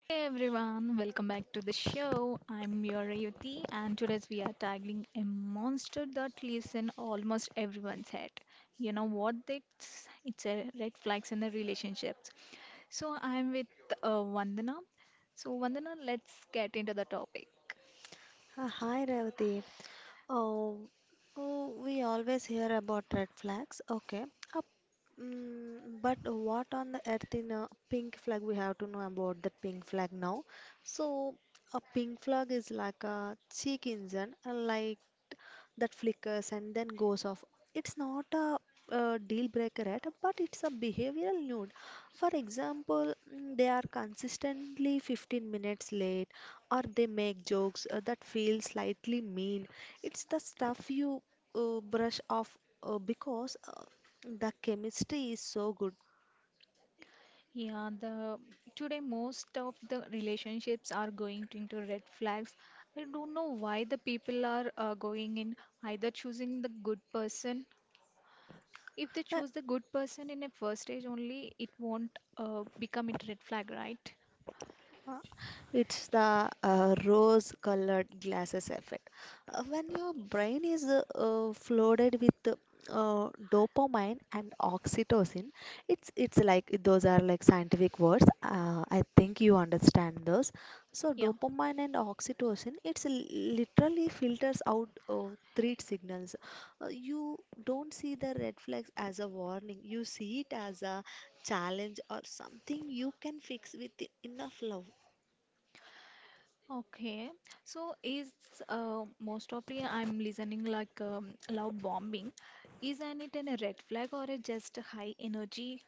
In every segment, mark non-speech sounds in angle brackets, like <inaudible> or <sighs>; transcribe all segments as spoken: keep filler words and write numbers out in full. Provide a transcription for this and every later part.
Hey everyone, welcome back to the show. I'm your Rayuti, and today we are tackling a monster that lives in almost everyone's head. You know what? It's, it's a red flags in the relationships. So I'm with uh, Vandana. So Vandana, let's get into the topic. Uh, Hi Revati. Oh, oh, we always hear about red flags. Okay. Uh, mm, but what on the earth in a pink flag we have to know about that pink flag now? So a pink flag is like a cheek engine, a light that flickers and then goes off. It's not a, uh deal breaker at, but it's a behavioral nude. For example, mm, they are consistently fifteen minutes late or they make jokes uh, that feel slightly mean. It's the stuff you uh, brush off uh, because uh, the chemistry is so good. Yeah, the today most of the relationships are going to- into red flags. I don't know why the people are uh, going in either choosing the good person. If they Uh, choose the good person in a first stage only, it won't uh, become it red flag, right? Uh, It's the uh, rose-colored glasses effect. Uh, when your brain is uh, uh, flooded with uh, dopamine and oxytocin, it's it's like those are like scientific words. Uh, I think you understand those. So Yeah. dopamine and oxytocin, it's l- literally filters out uh, threat signals. Uh, you don't see the red flags as a warning. You see it as a challenge or something you can fix with enough love. Okay, so is uh, most of the I'm listening like um, love bombing. Isn't it an a red flag or a just high energy?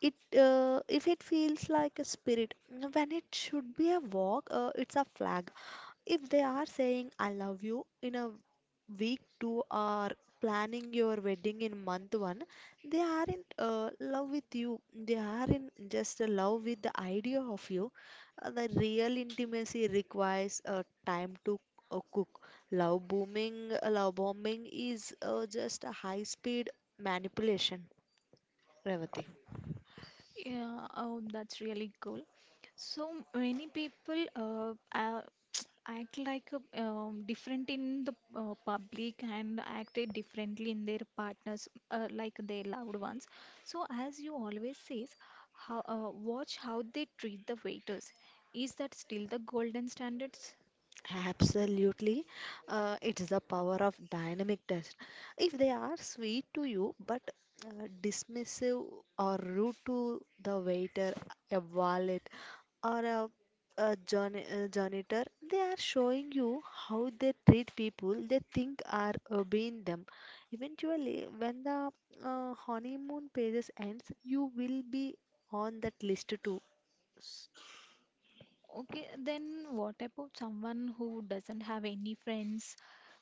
It uh, if it feels like a spirit when it should be a walk, uh, it's a flag. If they are saying I love you in a week two, or planning your wedding in month one, they are in uh, love with you, they are in just a love with the idea of you. Uh, the real intimacy requires uh, time to uh, cook. Love booming, love bombing is uh, just a high speed manipulation, Revati. Yeah, oh, that's really cool. So many people uh, uh, act like a, um, different in the uh, public and acted differently in their partners uh, like their loved ones. So as you always says, how uh, watch how they treat the waiters, is that still the golden standards? Absolutely. Uh, it's the power of dynamic test. If they are sweet to you but uh, dismissive or rude to the waiter, a wallet, or a, a journ- uh, janitor, they are showing you how they treat people they think are obeying them. Eventually, when the uh, honeymoon phases ends, you will be on that list too. Okay, then what about someone who doesn't have any friends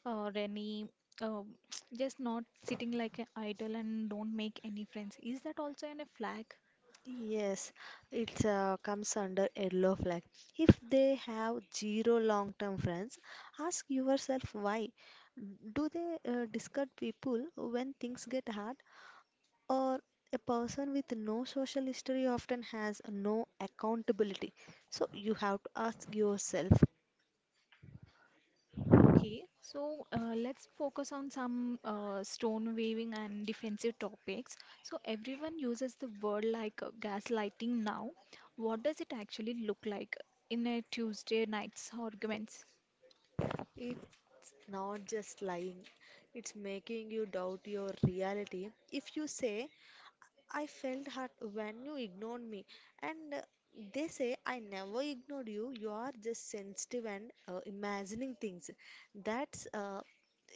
or any uh, <tsk> just not sitting like an idol and don't make any friends, is that also in a flag? Yes, it uh, comes under yellow flag. If they have zero long-term friends, ask yourself why. Do they uh, discard people when things get hard? Or a person with no social history often has no accountability. So you have to ask yourself. Okay, so uh, let's focus on some uh, stone waving and defensive topics. So everyone uses the word like uh, gaslighting now. What does it actually look like in a Tuesday night's arguments? It's not just lying, it's making you doubt your reality. If you say, I felt hurt when you ignored me. And uh, they say, I never ignored you. You are just sensitive and uh, imagining things. That's uh,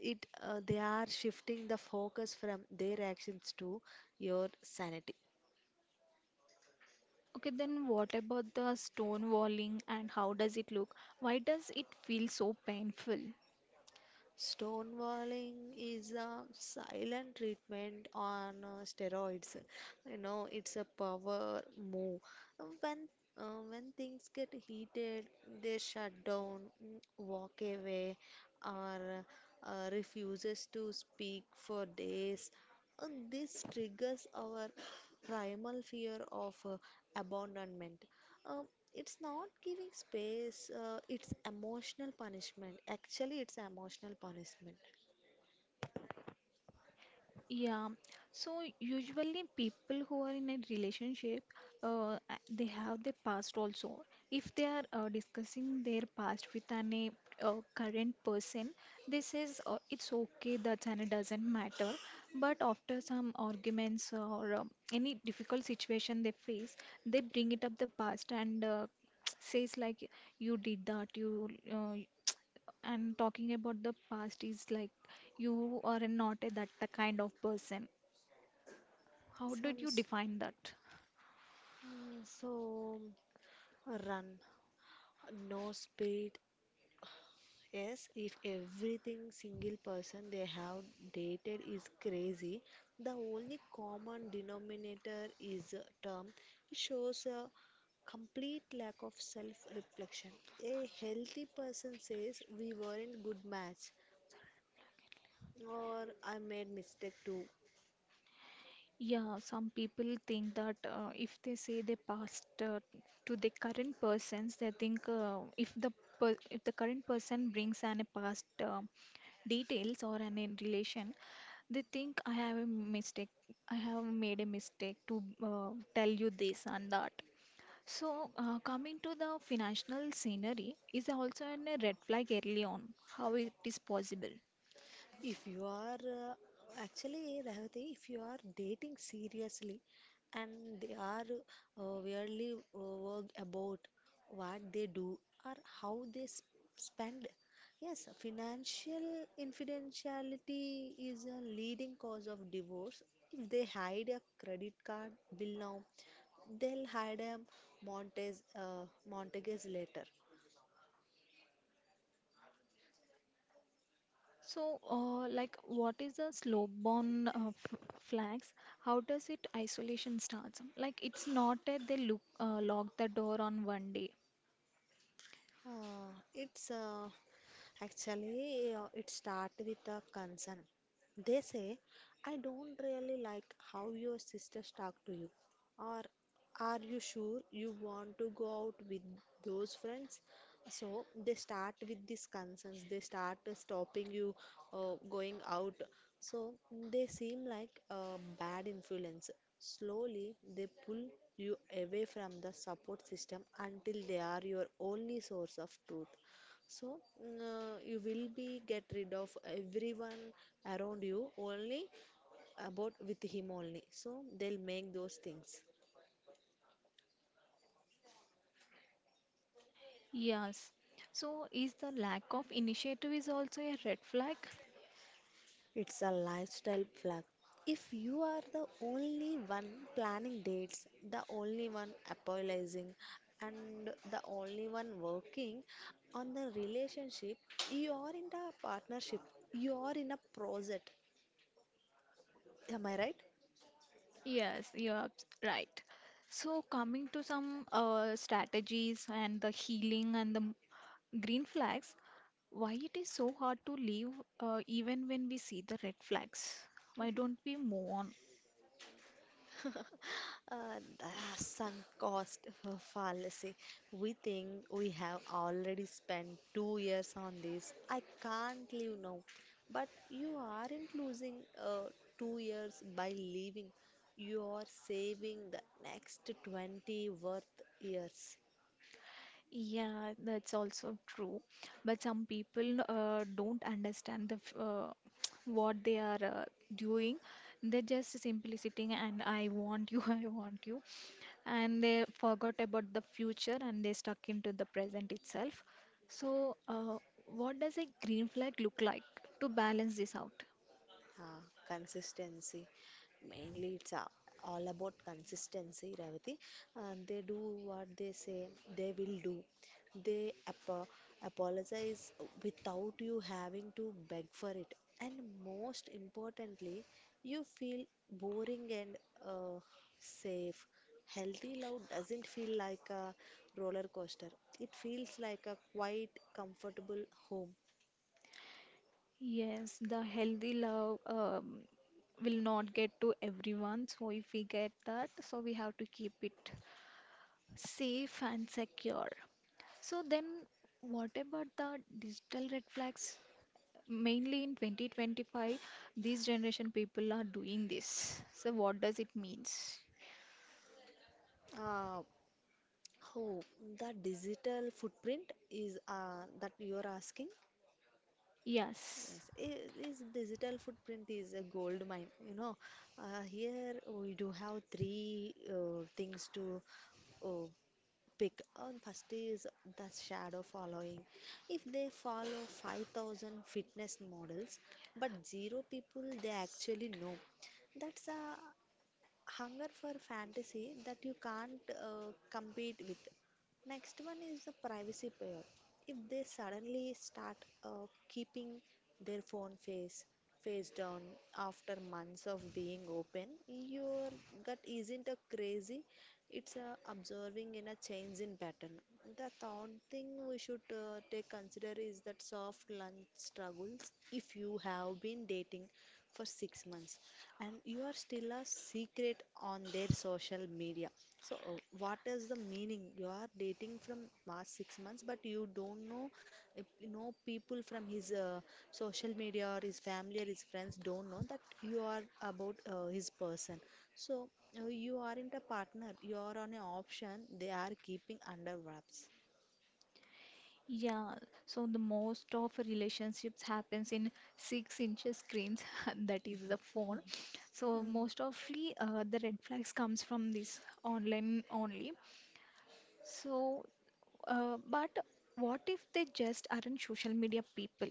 it. Uh, They are shifting the focus from their actions to your sanity. Okay, then what about the stonewalling and how does it look? Why does it feel so painful? Stonewalling is a silent treatment on uh, steroids. You know, it's a power move. When uh, when things get heated, they shut down, mm, walk away, or uh, refuses to speak for days. And this triggers our primal fear of uh, abandonment. Um, it's not giving space, uh, it's emotional punishment. Actually, it's emotional punishment. Yeah, so usually people who are in a relationship, uh, a- they have their past also. If they are uh, discussing their past with an a uh, current person, they says uh, it's okay, that's and it doesn't matter. But after some arguments or uh, any difficult situation they face, they bring it up the past and uh, <tsk> says like you did that, you uh, and talking about the past is like you are not a, that the kind of person. How Some, did you s- define that? mm, so run, no speed. Yes, if everything single person they have dated is crazy, the only common denominator is a term. It shows a complete lack of self reflection. A healthy person says we weren't good match or I made mistake too. Yeah, some people think that uh, if they say their past uh, to the current persons, they think uh, if the per if the current person brings an a past uh, details or an in relation, they think I have a mistake. I have made a mistake to uh, tell you this and that. So, uh, coming to the financial scenery is also an a red flag early on, how it is possible. If you are uh, actually Revati, if you are dating seriously and they are uh, weirdly uh, worried about what they do or how they s spend, yes, financial infidelity is a leading cause of divorce. If they hide a credit card bill now, they'll hide a Montes uh, Montagues later. So, uh, like, what is the slow bound uh, f- flags? How does it isolation starts? Like, it's not that they look uh, lock the door on one day. Uh, it's uh, actually uh, it start with a concern. They say, I don't really like how your sisters talk to you. Or are you sure you want to go out with those friends? So they start with these concerns, they start uh, stopping you uh, going out. So they seem like a bad influence. Slowly they pull you away from the support system until they are your only source of truth. So mm, uh, you will be get rid of everyone around you only about with him only. So they'll make those things. Yes. So, is the lack of initiative is also a red flag? It's a lifestyle plug. If you are the only one planning dates, the only one apologizing, and the only one working on the relationship, you are in a partnership, you are in a project. Am I right? Yes, you're abs- right. So, coming to some uh, strategies and the healing and the green flags, why it is so hard to leave uh, even when we see the red flags? Why don't we move on? <laughs> Uh, the sunk cost <laughs> fallacy. We think we have already spent two years on this. I can't leave now. But you aren't losing uh, two years by leaving. You are saving the next twenty worth years. Yeah, that's also true. But some people uh, don't understand the f- uh, <tsk> what they are uh, doing. They're just simply sitting and I want you, <laughs> I want you. And they forgot about the future and they stuck into the present itself. So, uh, what does a green flag look like to balance this out? Uh, Consistency, mainly it's a- all about consistency, Ravati, and they do what they say they will do. They apo apologize without you having to beg for it, and most importantly, you feel boring and uh, safe. Healthy love doesn't feel like a roller coaster, it feels like a quite comfortable home. Yes, the healthy love um, will not get to everyone. So, if we get that, so we have to keep it safe and secure. So, then what about the digital red flags? Mainly in twenty twenty-five, these generation people are doing this. So, what does it means? uh, Oh, the digital footprint is uh, that you are asking? Yes, Yes. i- is digital footprint is a gold mine. You know, uh, here we do have three uh, things to uh, pick. Uh, first is the shadow following. If they follow five thousand fitness models, but zero people they actually know, that's a hunger for fantasy that you can't uh, compete with. Next one is the privacy pair. If they suddenly start uh, keeping their phone face face down after months of being open, your gut isn't a crazy. It's a observing in a change in pattern. The third thing we should uh, take consider is that soft lunch struggles. If you have been dating for six months, and you are still a secret on their social media, so uh, what is the meaning you are dating from past six months but you don't know if you know people from his uh, social media or his family or his friends don't know that you are about uh, his person. So uh, you aren't a partner, you are on an option they are keeping under wraps. Yeah, so the most of relationships happens in six inches screens <laughs> that is the phone. So Mm. most ofly uh, the red flags comes from this online only. So uh, but what if they just aren't social media people?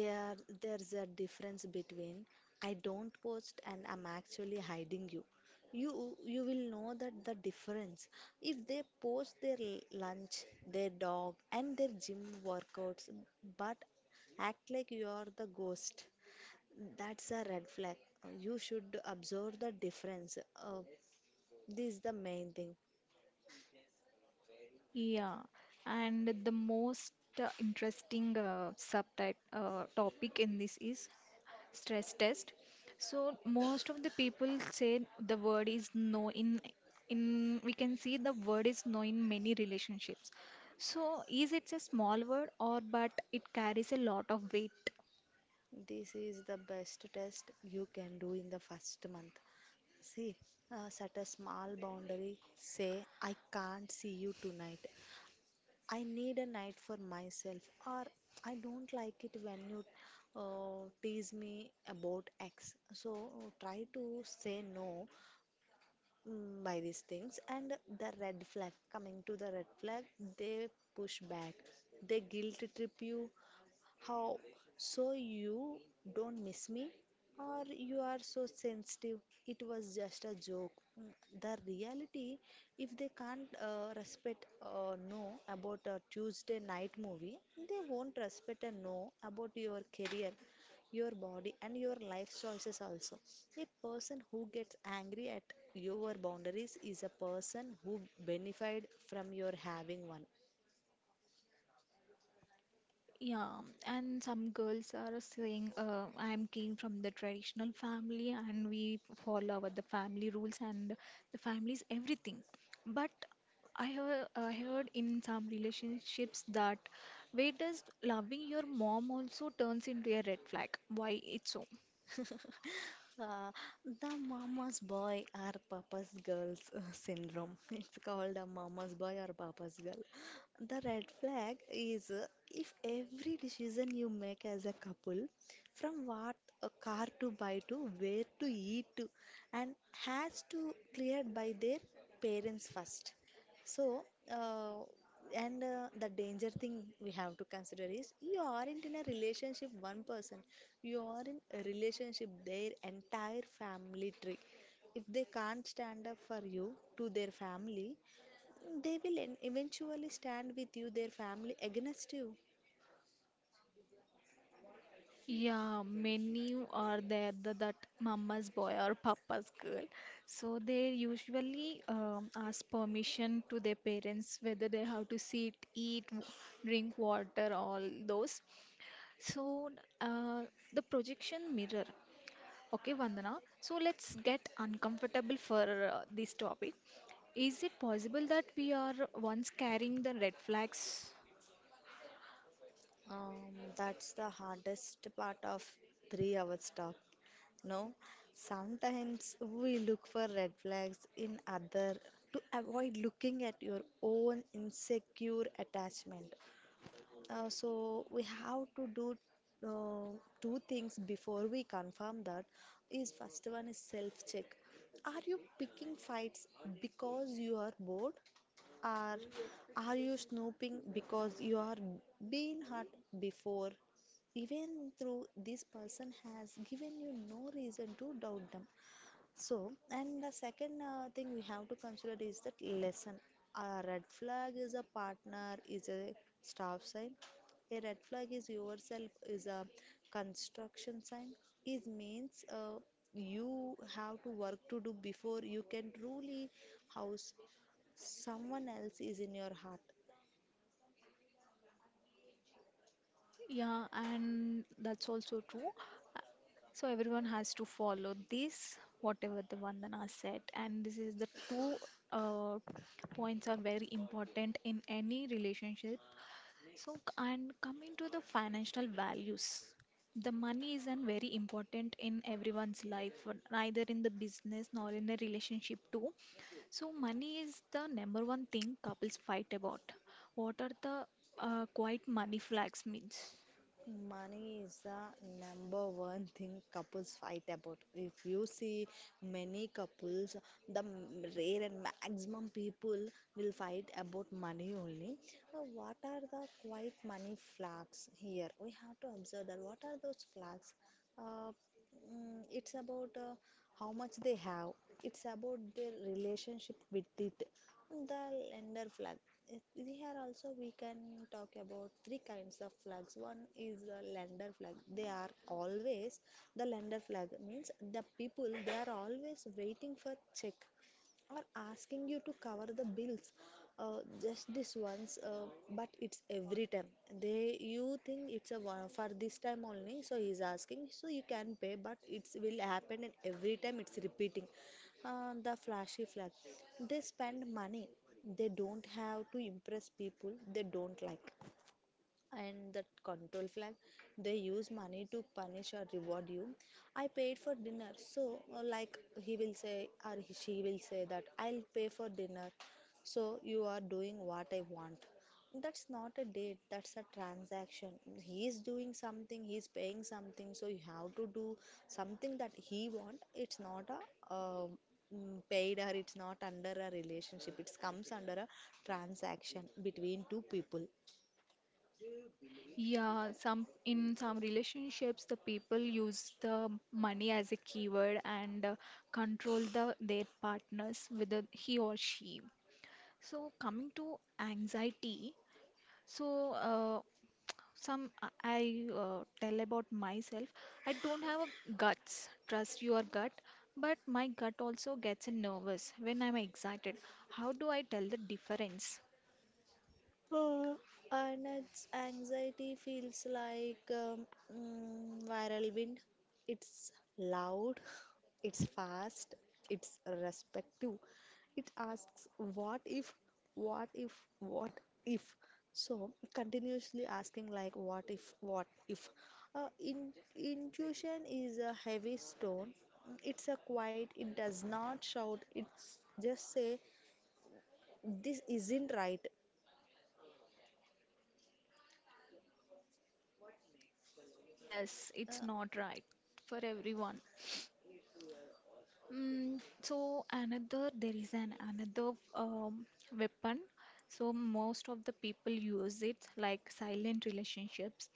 There, there's a difference between I don't post and I'm actually hiding you. You, you will know that the difference. If they post their l- lunch, their dog, and their gym workouts, but act like you are the ghost, that's a red flag. You should observe the difference. Uh, this is the main thing. Yeah, and the most uh, interesting uh, subtype uh, topic in this is stress test. So most of the people say the word is no in, in we can see the word is no in many relationships. So is it a small word or but it carries a lot of weight? This is the best test you can do in the first month. See, uh, set a small boundary. Say, I can't see you tonight. I need a night for myself, or I don't like it when you uh, tease me about X. So, uh, try to say no mm, by these things. And the red flag, coming to the red flag, they push back, they guilt trip you, how? So you don't miss me? Or you are so sensitive, it was just a joke. Mm, The reality, if they can't uh, respect a no about a Tuesday night movie, they won't respect a no about your career, your body, and your life choices also. A person who gets angry at your boundaries is a person who benefited from your having one. Yeah, and some girls are saying, uh, I'm came from the traditional family and we follow our, the family rules and the family's everything. But I heard, I heard in some relationships that where does loving your mom also turns into a red flag? Why it's so? <laughs> Uh, the mama's boy or papa's girl's uh, syndrome. <laughs> It's called a mama's boy or papa's girl. The red flag is uh, if every decision you make as a couple, from what a car to buy to, where to eat to, and has to cleared by their parents first. So, uh, and uh, the danger thing we have to consider is you aren't in a relationship one person, you are in a relationship their entire family tree. If they can't stand up for you to their family, they will en- eventually stand with you, their family against you. Yeah, many are there the, that mama's boy or papa's girl. So they usually um, ask permission to their parents whether they have to sit, eat, w- drink water, all those. So uh, the projection mirror. Okay, Vandana. So let's get uncomfortable for uh, this topic. Is it possible that we are once carrying the red flags? Um, that's the hardest part of three hours talk. No, sometimes we look for red flags in other to avoid looking at your own insecure attachment. Uh, so we have to do uh, two things before we confirm that is first one is self check. Are you picking fights because you are bored? Or are you snooping because you are being hurt before? Even though this person has given you no reason to doubt them. So, and the second uh, thing we have to consider is that lesson. A red flag is a partner, is a staff sign. A red flag is yourself, is a construction sign. It means uh, you have to work to do before you can truly house someone else is in your heart. Yeah, and that's also true. Uh, So everyone has to follow this, whatever the Vandana said. And this is the two uh, points are very important in any relationship. So, c- and coming to the financial values, the money is an very important in everyone's life, uh, neither in the business nor in the relationship too. So, money is the number one thing couples fight about. What are the uh, quiet money flags means? Money is the number one thing couples fight about. If you see many couples, the m- rare and maximum people will fight about money only. Now, what are the quite money flags here? We have to observe that. What are those flags? Uh, Mm, it's about uh, how much they have. It's about their relationship with it. The lender flag. It- Here also we can talk about three kinds of flags. One is the lender flag. They are always the lender flag means the people they are always waiting for check or asking you to cover the bills, uh, just this once, uh, but it's every time. They You think it's a one for this time only, so he's asking so you can pay, but it's will happen and every time it's repeating. Uh, the flashy flag, they spend money they don't have to impress people they don't like. And that control flag, they use money to punish or reward you. I paid for dinner, so, uh, like, he will say, or he- she will say that I'll pay for dinner, so you are doing what I want. That's not a date, that's a transaction. He is doing something, he is paying something, so you have to do something that he want. It's not a, um, mm, paid, or it's not under a relationship, it comes under a transaction between two people. Yeah, some in some relationships, the people use the money as a keyword and uh, control the their partners, whether he or she. So coming to anxiety, so uh, some I I, uh, tell about myself. I don't have a guts. Trust your gut, but my gut also gets nervous when I'm excited. How do I tell the difference? Uh, and it's, anxiety feels like, um, mm, viral wind. It's loud, <laughs> it's fast, it's respective. It asks, what if, what if, what if? So continuously asking like, what if, what if? Uh, in, intuition is a heavy stone. It's a quiet, it does not shout, it's just say, this isn't right. Yes, it's Uh, not right for everyone. Mm, so another there is an another um, weapon. So most of the people use it like silent relationships.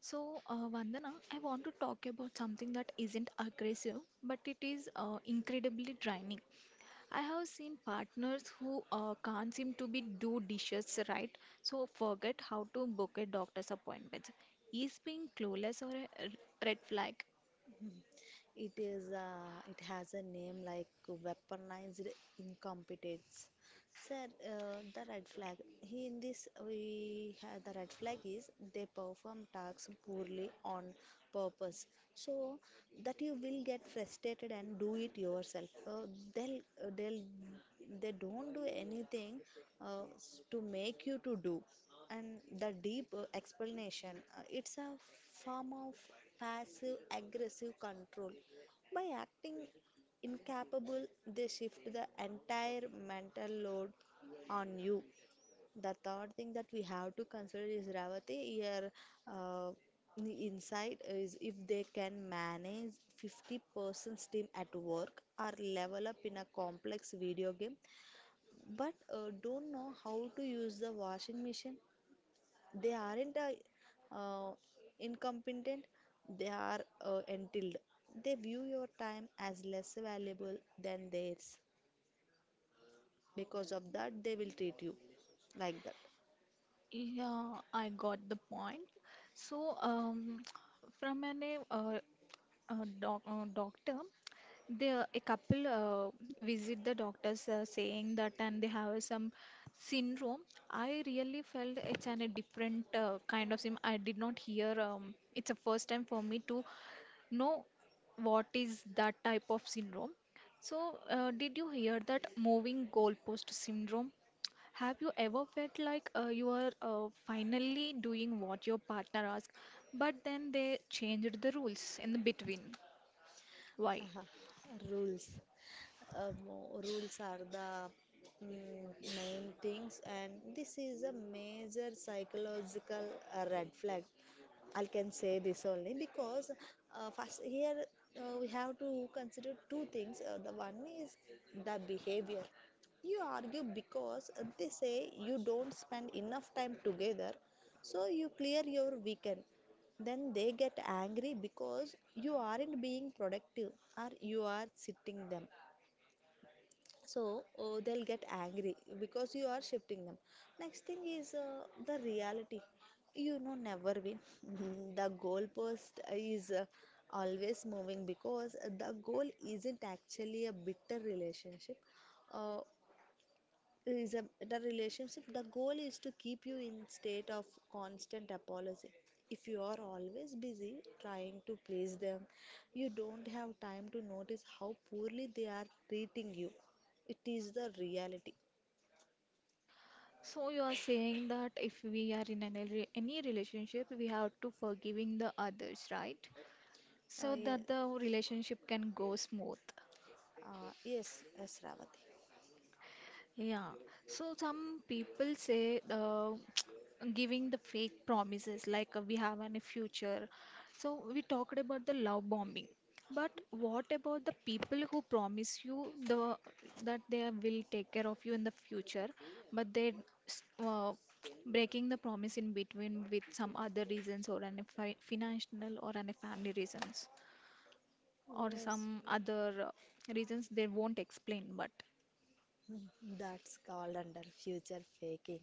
So uh, Vandana, I want to talk about something that isn't aggressive, but it is uh, incredibly draining. I have seen partners who uh, can't seem to be do dishes right, so forget how to book a doctor's appointment. Is being clueless or a r- red flag? It is, uh, it has a name like weaponized incompetence. Sir, uh, the red flag. He in this we have the red flag is they perform tasks poorly on purpose, so that you will get frustrated and do it yourself. Uh, they'll uh, they'll they don't do anything uh, s- to make you to do. And the deep uh, explanation, Uh, it's a form of passive aggressive control. By acting incapable, they shift the entire mental load on you. The third thing that we have to consider is, Ravati, here uh, insight is, if they can manage fifty person's team at work or level up in a complex video game but uh, don't know how to use the washing machine, they aren't, uh, uh, incompetent, they are, uh, entitled. They view your time as less valuable than theirs. Because of that, they will treat you like that. Yeah, I got the point. So, um, <tsk> from an uh, uh, doc uh, doctor, there a couple uh, visit the doctors uh, saying that and they have some syndrome. I really felt it's an, a different uh, kind of sim. I did not hear. Um, it's a first time for me to know what is that type of syndrome. So, uh, did you hear that moving goalpost syndrome? Have you ever felt like uh, you are uh, finally doing what your partner asked, but then they changed the rules in the between? Why? Rules. Um, Rules are the, mm, main things, and this is a major psychological uh, red flag. I can say this only because, uh, first here, uh, we have to consider two things. Uh, the one is the behavior. You argue because uh, they say you don't spend enough time together, so you clear your weekend. Then they get angry because you aren't being productive, or you are sitting them, so, oh, they'll get angry because you are shifting them. Next thing is uh, the reality. You know, never win. <laughs> The goalpost is uh, always moving, because the goal isn't actually a bitter relationship. Uh, is a, the relationship, the goal is to keep you in state of constant apology. If you are always busy trying to please them, you don't have time to notice how poorly they are treating you. It is the reality. So you are saying that if we are in any, re- any relationship, we have to forgiving the others, right? uh, So Yes, that the relationship can go smooth. uh, yes yes Ravati. Yeah, so some people say uh, <tsk> giving the fake promises like uh, we have any future. So we talked about the love bombing, but what about the people who promise you the that they will take care of you in the future, but they s- uh, <tsk> breaking the promise in between with some other reasons or any fi financial or any family reasons or Yes. some other uh, reasons they won't explain, but. That's called under future faking.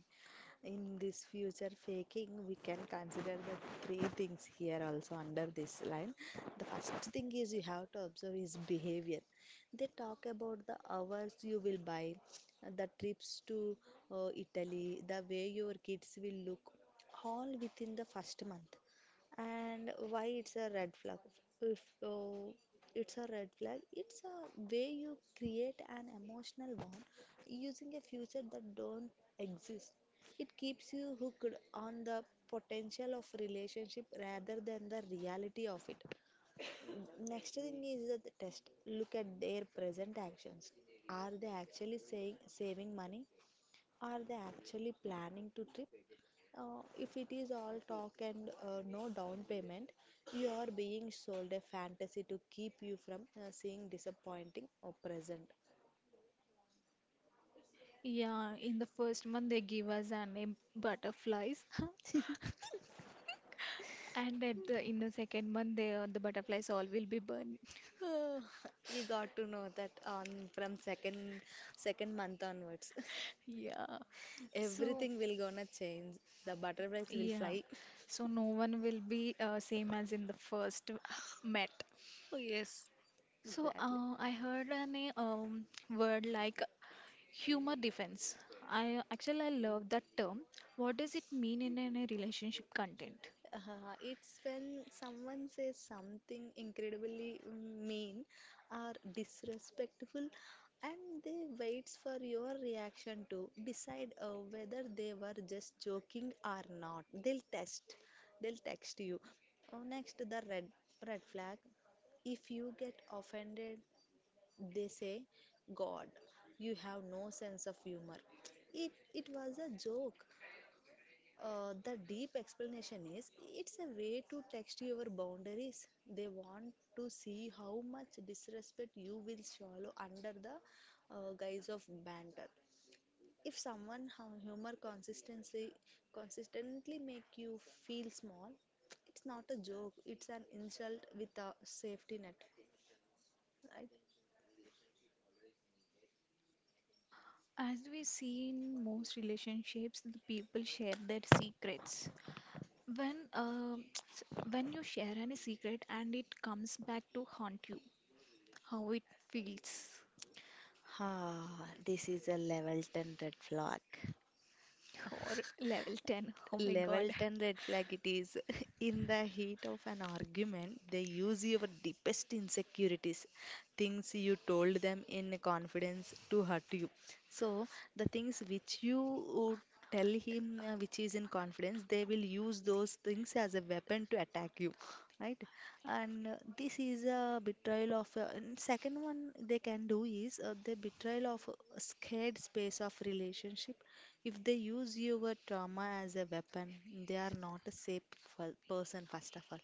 In this future faking, we can consider the three things here also under this line. The first thing is, you have to observe his behavior. They talk about the hours you will buy, the trips to, uh, Italy, the way your kids will look, all within the first month. And why it's a red flag? If uh, it's a red flag, it's a way you create an emotional bond using a future that don't exist. It keeps you hooked on the potential of relationship rather than the reality of it. Next thing is that the test, look at their present actions. Are they actually saying saving money? Are they actually planning to trip? Uh, if it is all talk and uh, no down payment, you are being sold a fantasy to keep you from uh, seeing disappointing or present. <sighs> Yeah, in the first month they give us a name butterflies, <laughs> and at the in the second month they uh, the butterflies all will be burned. <laughs> Uh, <laughs> you got to know that on from second second month onwards, Yeah, <laughs> so everything will gonna change. The butterflies will yeah, fly. <laughs> so no one will be uh, same as in the first uh, met. Oh yes, So exactly. uh, I heard an uh, um, word like humor defense. I actually I love that term. What does it mean in a relationship content? Uh, it's when someone says something incredibly mean or disrespectful, and they waits for your reaction to decide uh, whether they were just joking or not. They'll test, they'll text you. Oh, next, the red red flag. If you get offended, they say, God, you have no sense of humor. It it was a joke. Uh, the deep explanation is, it's a way to test your boundaries. They want to see how much disrespect you will swallow under the uh, guise of banter. If someone hu- humor consistently consistently make you feel small, it's not a joke. It's an insult with a safety net, right? As we see in most relationships, the people share their secrets. When uh, s- when you share any secret and it comes back to haunt you, how it feels? Ah, this is a level ten red flag. Or level ten. Oh my Level God. ten red flag it is. <laughs> In the heat of an argument, they use your deepest insecurities, things you told them in confidence to hurt you. So, the things which you would tell him, uh, which is in confidence, they will use those things as a weapon to attack you, right? And uh, this is a betrayal of. Uh, and second one they can do is uh, the betrayal of a scared space of relationship. If they use your trauma as a weapon, they are not a safe fir- person, first of all.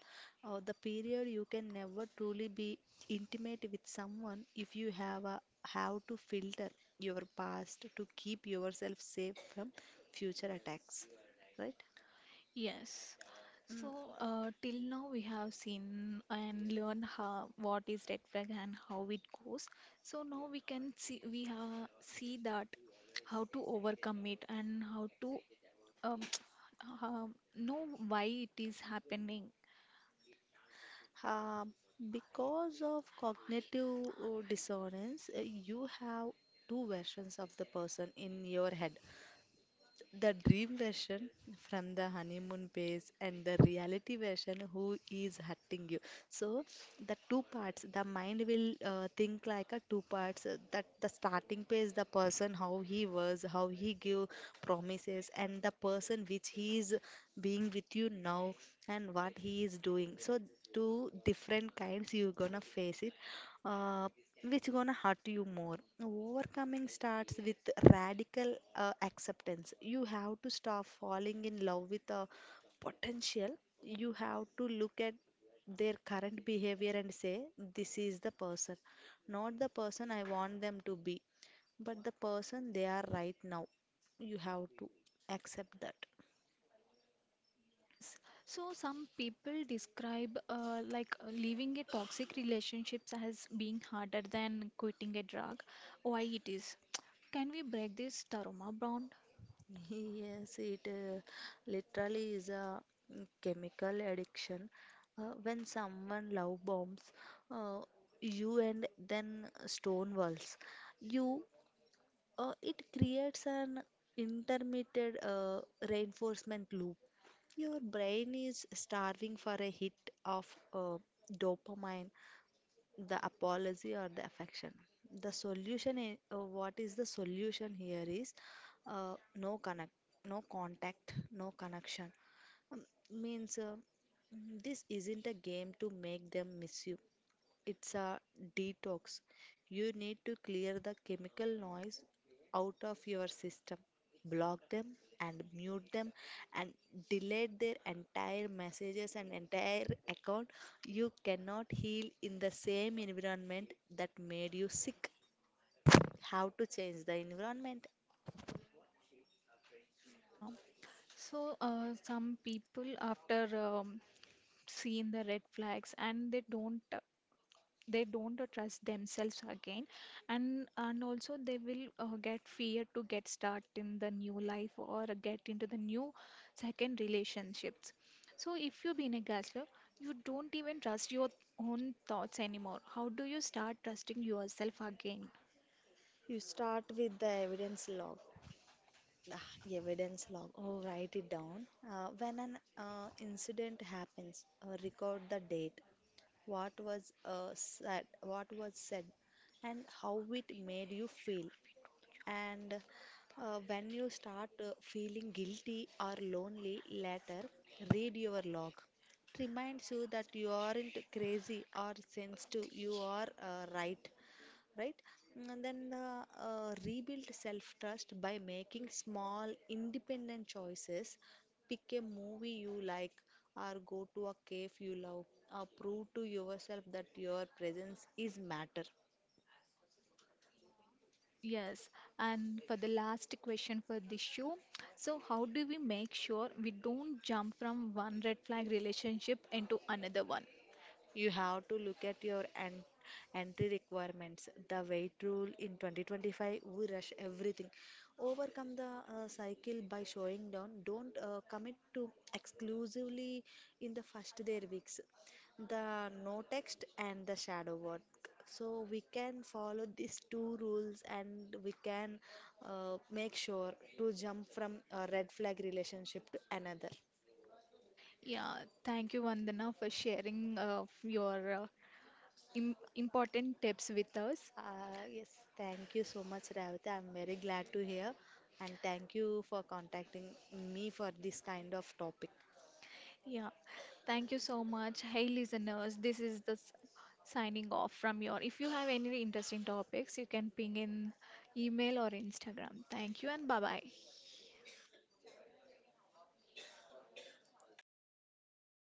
Or the period you can never truly be intimate with someone if you have a how to filter your past to keep yourself safe from future attacks, right? Yes. Mm. So uh, till now we have seen and learned how what is red flag and how it goes. So now we can see we have see that how to overcome it and how to um, <tsk> uh, know why it is happening. Um, because of cognitive uh, dissonance, uh, you have two versions of the person in your head. The dream version from the honeymoon phase, and the reality version who is hurting you. So the two parts, the mind will uh, think like a two parts, uh, that the starting phase, the person how he was, how he give promises, and the person which he is being with you now and what he is doing. So two different kinds you're gonna face it, uh, which gonna hurt you more. Overcoming starts with radical uh, acceptance. You have to stop falling in love with a potential. You have to look at their current behavior and say, this is the person, not the person I want them to be, but the person they are right now. You have to accept that. Yes, so some people describe uh, like uh, leaving a toxic relationships as being harder than quitting a drug. Why it is? Can we break this trauma bond? <laughs> Yes, it uh, literally is a, mm, chemical addiction. Uh, when someone love bombs uh, you and then stone walls you, uh, it creates an intermittent uh, reinforcement loop. Your brain is starving for a hit of, uh, dopamine, the apology or the affection. The solution, i- uh, what is the solution here is, uh, no connect, no contact, no connection, um, means, uh, mm, this isn't a game to make them miss you, it's a detox. You need to clear the chemical noise out of your system, block them and mute them, and delete their entire messages and entire account. You cannot heal in the same environment that made you sick. How to change the environment? Yeah. So uh, some people after um, seeing the red flags and they don't uh, they don't uh, trust themselves again, and and also they will uh, get fear to get start in the new life or get into the new second relationships. So if you've been a gaslighter, you don't even trust your own thoughts anymore. How do you start trusting yourself again? You start with the evidence log. Ah, evidence log. Oh, write it down. Uh, when an uh, incident happens, uh, record the date, what was uh, said, what was said, and how it made you feel. And uh, when you start uh, feeling guilty or lonely later, read your log. It reminds you that you aren't crazy or sensitive, you are uh, right, right? And then uh, uh, rebuild self trust by making small, independent choices. Pick a movie you like, or go to a cave you love, or prove to yourself that your presence is matter. uh, yes, and for the last question for this show, so how do we make sure we don't jump from one red flag relationship into another one? You have to look at your en- entry requirements. The weight rule in twenty twenty-five, we rush everything. Overcome the uh, cycle by showing down. Don't uh, commit to exclusively in the first their weeks. The no text and the shadow work. So we can follow these two rules and we can uh, make sure to jump from a red flag relationship to another. Yeah, thank you, Vandana, for sharing uh, your uh, im important tips with us. Uh, yes, thank you so much, Ravita. I'm very glad to hear, and thank you for contacting me for this kind of topic. Yeah, thank you so much. Hey, listeners, this is the s- signing off from your. If you have any interesting topics, you can ping in email or Instagram. Thank you and bye bye.